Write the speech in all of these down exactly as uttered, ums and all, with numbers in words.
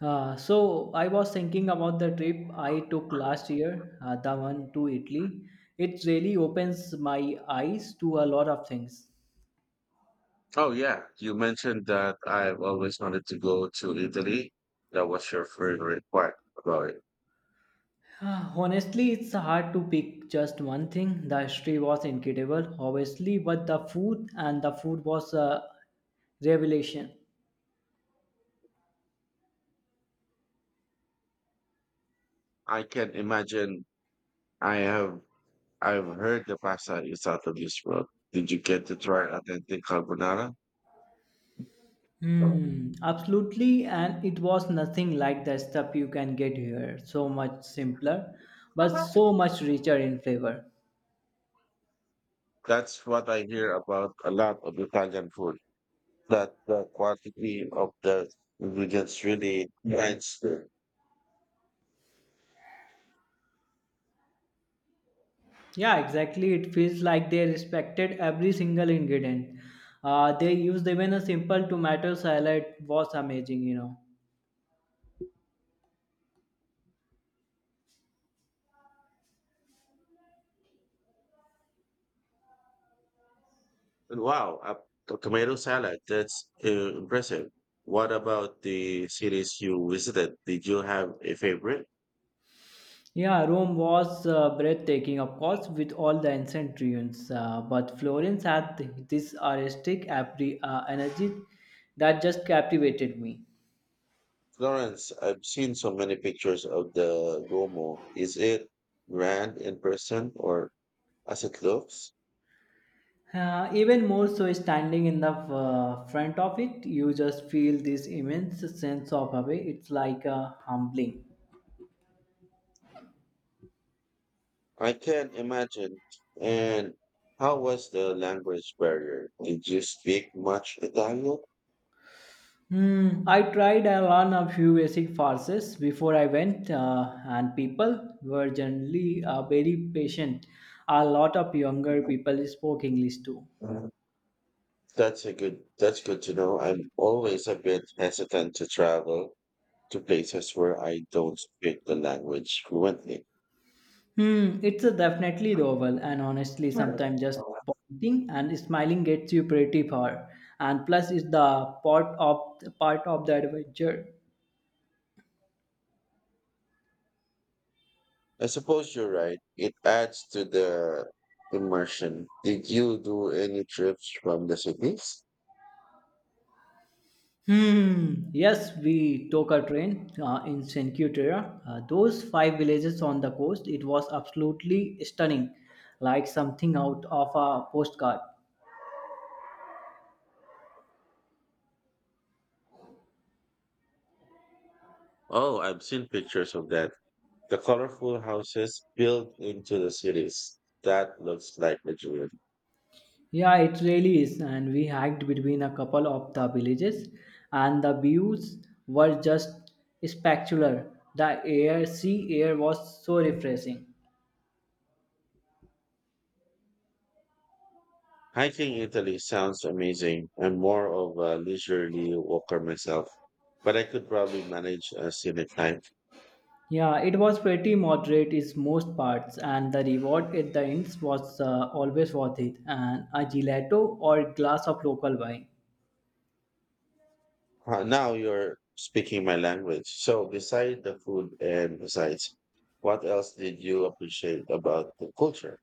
Uh, so I was thinking about the trip I took last year, uh, the one to Italy. It really opens my eyes to a lot of things. Oh yeah, you mentioned that. I've always wanted to go to Italy. That was your favorite part about it. Uh, honestly, it's hard to pick just one thing. The history was incredible, obviously, but the food and the food was a revelation. I can imagine. I have I've heard the pasta is out of this world. Did you get to try authentic carbonara? Hmm, absolutely, and it was nothing like the stuff you can get here. So much simpler, but so much richer in flavor. That's what I hear about a lot of Italian food. That the quantity of the ingredients really adds. Yeah, exactly. It feels like they respected every single ingredient. Uh, they used even a simple tomato salad was amazing, you know. Wow, a t- tomato salad. That's uh, impressive. What about the cities you visited? Did you have a favorite? Yeah, Rome was uh, breathtaking, of course, with all the ancient ruins. Uh, but Florence had th- this artistic apri- uh, energy that just captivated me. Florence, I've seen so many pictures of the Duomo. Is it grand in person or as it looks? Uh, even more so, standing in the uh, front of it, you just feel this immense sense of awe. It's like uh, humbling. I can imagine. And how was the language barrier? Did you speak much Italian? Hmm, I tried and learned a few basic phrases before I went, uh, and people were generally uh, very patient. A lot of younger people spoke English too. That's a good that's good to know. I'm always a bit hesitant to travel to places where I don't speak the language fluently. Hmm, it's a definitely the oval, and honestly, Sure. sometimes just pointing and smiling gets you pretty far. And plus, it's the part of part of the adventure. I suppose you're right. It adds to the immersion. Did you do any trips from the cities? Hmm. Yes, we took a train uh, in Saint Terre. Uh, those five villages on the coast, it was absolutely stunning, like something out of a postcard. Oh, I've seen pictures of that. The colorful houses built into the cities. That looks like a dream. Yeah, it really is. And we hiked between a couple of the villages, and the views were just spectacular. The air, sea air was so refreshing. Hiking Italy sounds amazing. I'm more of a leisurely walker myself, but I could probably manage a scenic hike. Yeah, it was pretty moderate in most parts, and the reward at the end was uh, always worth it, and a gelato or glass of local wine. Uh, now you're speaking my language. So, beside the food and besides, what else did you appreciate about the culture?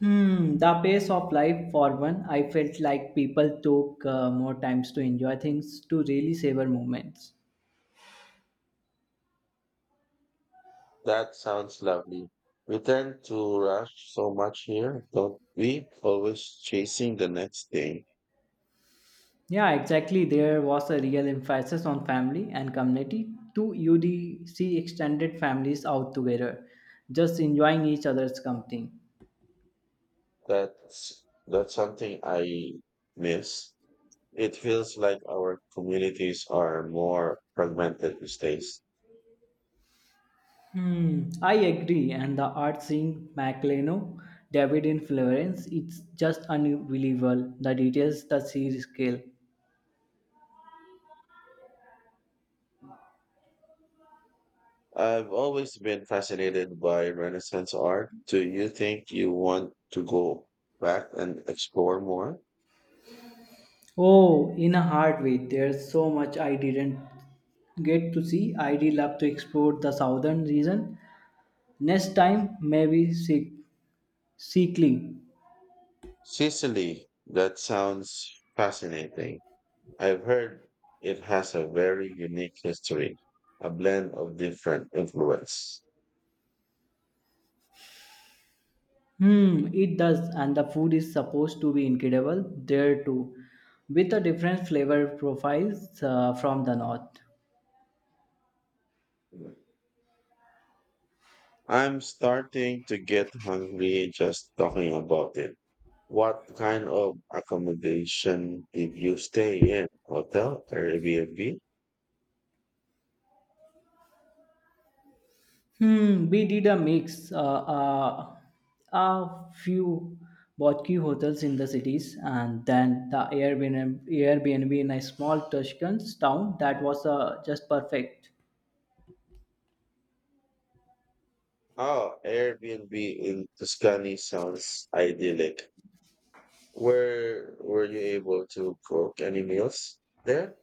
Hmm, the pace of life for one, I felt like people took uh, more times to enjoy things, to really savor moments. That sounds lovely. We tend to rush so much here, don't we? Always chasing the next thing. Yeah, exactly. There was a real emphasis on family and community. Two U D C extended families out together, just enjoying each other's company. That's that's something I miss. It feels like our communities are more fragmented these days. Hmm, I agree, and the art seeing Macleno, David in Florence, it's just unbelievable. The details, the series scale. I've always been fascinated by Renaissance art. Do you think you want to go back and explore more? Oh, in a hard way, there's so much I didn't get to see. I did love to explore the southern region. Next time, maybe Sic- Sicily. Sicily, that sounds fascinating. I've heard it has a very unique history, a blend of different influence. Hmm, it does, and the food is supposed to be incredible there too, with a different flavor profiles uh, from the north. I'm starting to get hungry just talking about it. What kind of accommodation did you stay in? Hotel or Airbnb? Hmm, we did a mix. Uh, uh, a few boutique hotels in the cities, and then the Airbnb, Airbnb in a small Tuscan town that was uh, just perfect. Oh, Airbnb in Tuscany sounds idyllic. Where were you able to cook any meals there?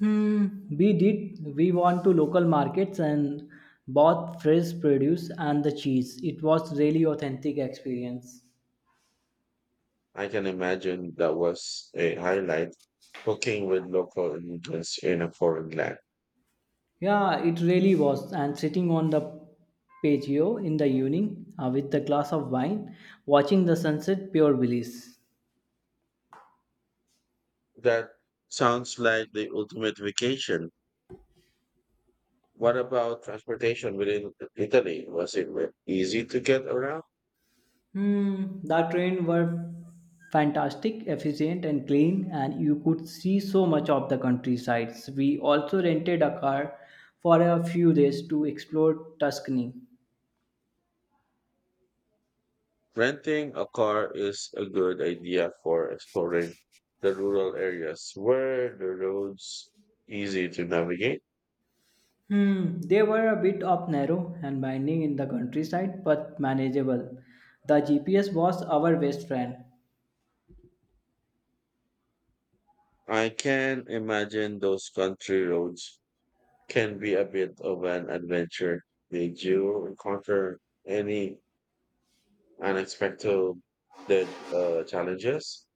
Hmm, we did. We went to local markets and bought fresh produce and the cheese. It was really authentic experience. I can imagine that was a highlight, cooking with local ingredients in a foreign land. Yeah, it really was. And sitting on the patio in the evening uh, with a glass of wine, watching the sunset, pure bliss. That sounds like the ultimate vacation. What about transportation within Italy? Was it easy to get around? Hmm, the train were fantastic, efficient and clean and you could see so much of the countryside. We also rented a car for a few days to explore Tuscany. Renting a car is a good idea for exploring the rural areas where the roads easy to navigate. Hmm, they were a bit up narrow and winding in the countryside but manageable. The G P S was our best friend. I can imagine those country roads can be a bit of an adventure. Did you encounter any unexpected uh, challenges?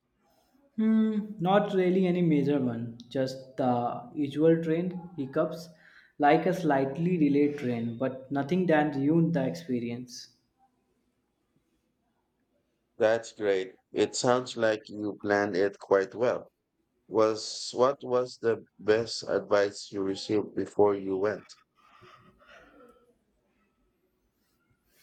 Hmm, not really any major one, just the usual train hiccups, like a slightly delayed train, but nothing that ruined the experience. That's great. It sounds like you planned it quite well. Was what was the best advice you received before you went?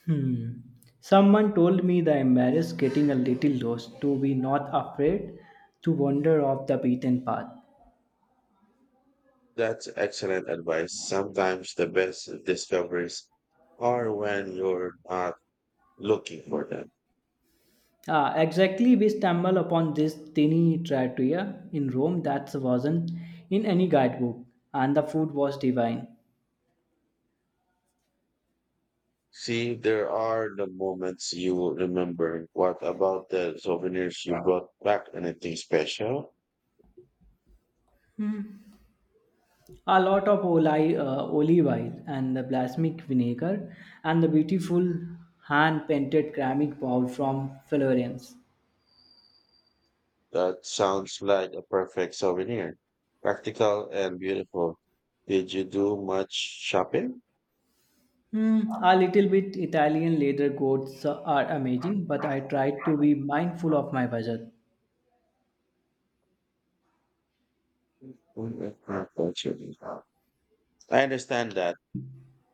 Hmm. Someone told me the embarrassed getting a little lost to be not afraid to wander off the beaten path. That's excellent advice. Sometimes the best discoveries are when you're not looking for them. Ah, exactly, we stumbled upon this tiny trattoria in Rome that wasn't in any guidebook, and the food was divine. See, there are the moments you remember. What about the souvenirs you brought back? Anything special? A lot of oli- uh, olive oil and the balsamic vinegar, and the beautiful hand painted ceramic bowl from Florence. That sounds like a perfect souvenir. Practical and beautiful. Did you do much shopping? Hmm, a little bit Italian leather goods are amazing, but I tried to be mindful of my budget. Mm, not actually. I understand that.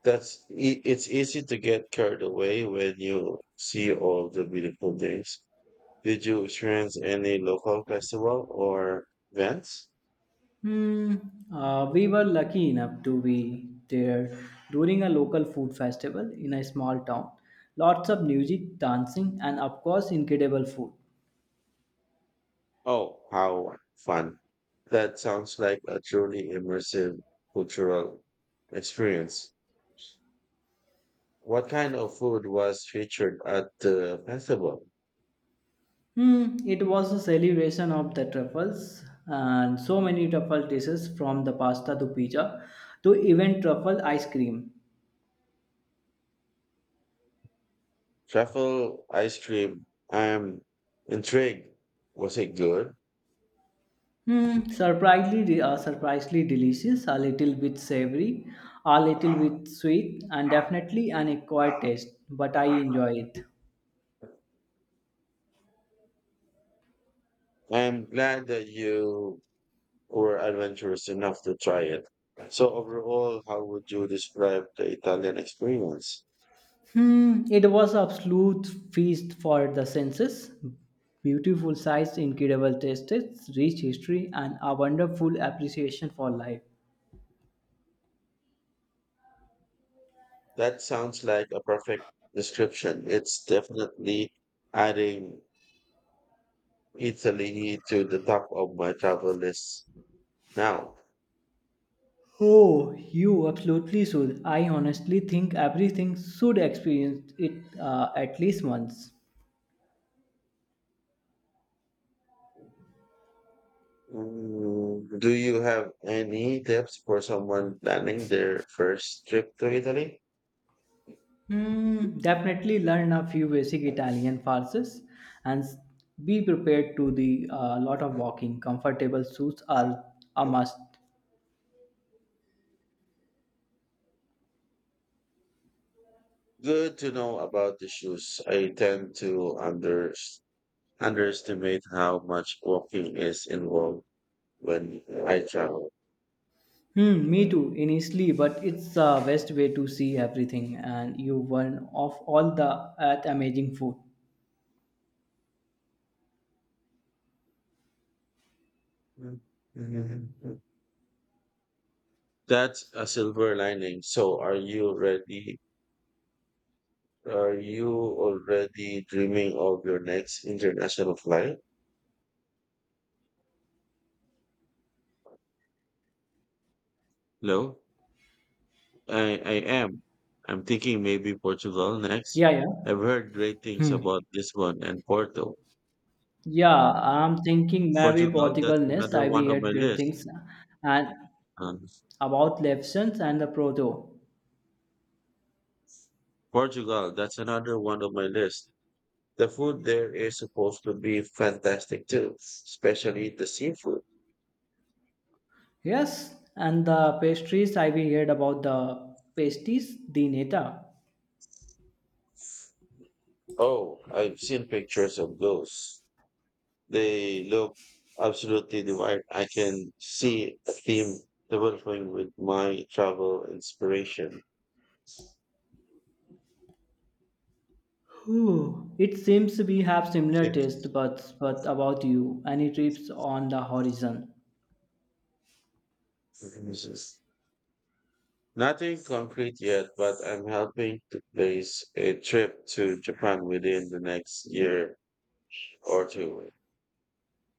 That's e- it's easy to get carried away when you see all the beautiful things. Did you experience any local festival or events? Hmm, uh, we were lucky enough to be there during a local food festival in a small town. Lots of music, dancing, and of course, incredible food. Oh, how fun. That sounds like a truly immersive cultural experience. What kind of food was featured at the festival? Hmm, it was a celebration of the truffles and so many truffle dishes from the pasta to pizza to even truffle ice cream. Truffle ice cream. I'm intrigued. Was it good? Hmm, surprisingly, uh, surprisingly delicious, a little bit savory, a little bit sweet, and definitely an acquired taste, but I enjoy it. I'm glad that you were adventurous enough to try it. So, overall, how would you describe the Italian experience? Hmm, it was absolute feast for the senses. Beautiful sights, incredible tastes, rich history, and a wonderful appreciation for life. That sounds like a perfect description. It's definitely adding Italy to the top of my travel list now. Oh, you absolutely should. I honestly think everything should experience it uh, at least once. Mm, do you have any tips for someone planning their first trip to Italy? Hmm, definitely learn a few basic Italian phrases and s- be prepared to the uh, lot of walking. Comfortable suits are a must. Good to know about the shoes. I tend to under, underestimate how much walking is involved when I travel. Hmm, me too, initially, but it's the best way to see everything and you learn of all the earth amazing food. That's a silver lining. So are you ready? Are you already dreaming of your next international flight? No. I, I am. I'm thinking maybe Portugal next. Yeah, yeah. I've heard great things Hmm. about Lisbon and Porto. Yeah, I'm thinking maybe Portugal, Portugal that's next. another I we one on my heard great list. things and Um, about lessons and the proto. Portugal, that's another one on my list. The food there is supposed to be fantastic too, especially the seafood. Yes, and the pastries I've heard about the pasties the neta. Oh, I've seen pictures of those. They look absolutely divine. I can see a theme developing with my travel inspiration. Whew. It seems we have similar It taste, but but about you, any trips on the horizon? Tips. Nothing concrete yet, but I'm helping to place a trip to Japan within the next year or two.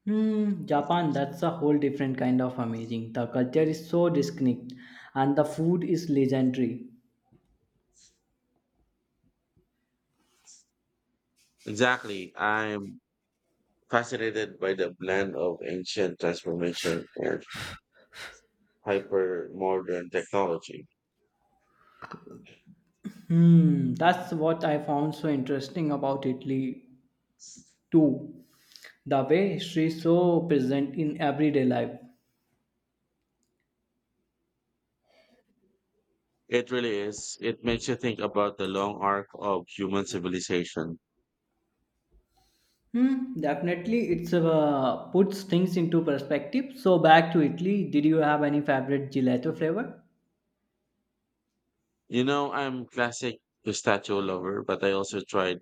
Hmm, Japan, that's a whole different kind of amazing. The culture is so distinct, and the food is legendary. Exactly. I'm fascinated by the blend of ancient transformation and hyper modern technology. Hmm, that's what I found so interesting about Italy too. The way history is so present in everyday life. It really is. It makes you think about the long arc of human civilization. Hmm, definitely, it's uh, puts things into perspective. So back to Italy, did you have any favorite gelato flavor? You know, I'm classic pistachio lover, but I also tried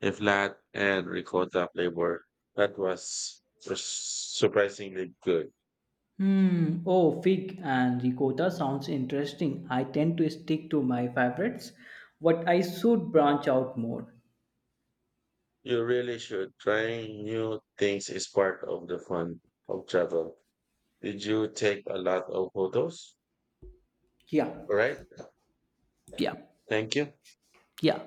a flat and ricotta flavor that was surprisingly good. Hmm. Oh, fig and ricotta sounds interesting. I tend to stick to my favorites, but I should branch out more. You really should. Trying new things is part of the fun of travel. Did you take a lot of photos? Yeah, All right. yeah, Thank you. yeah.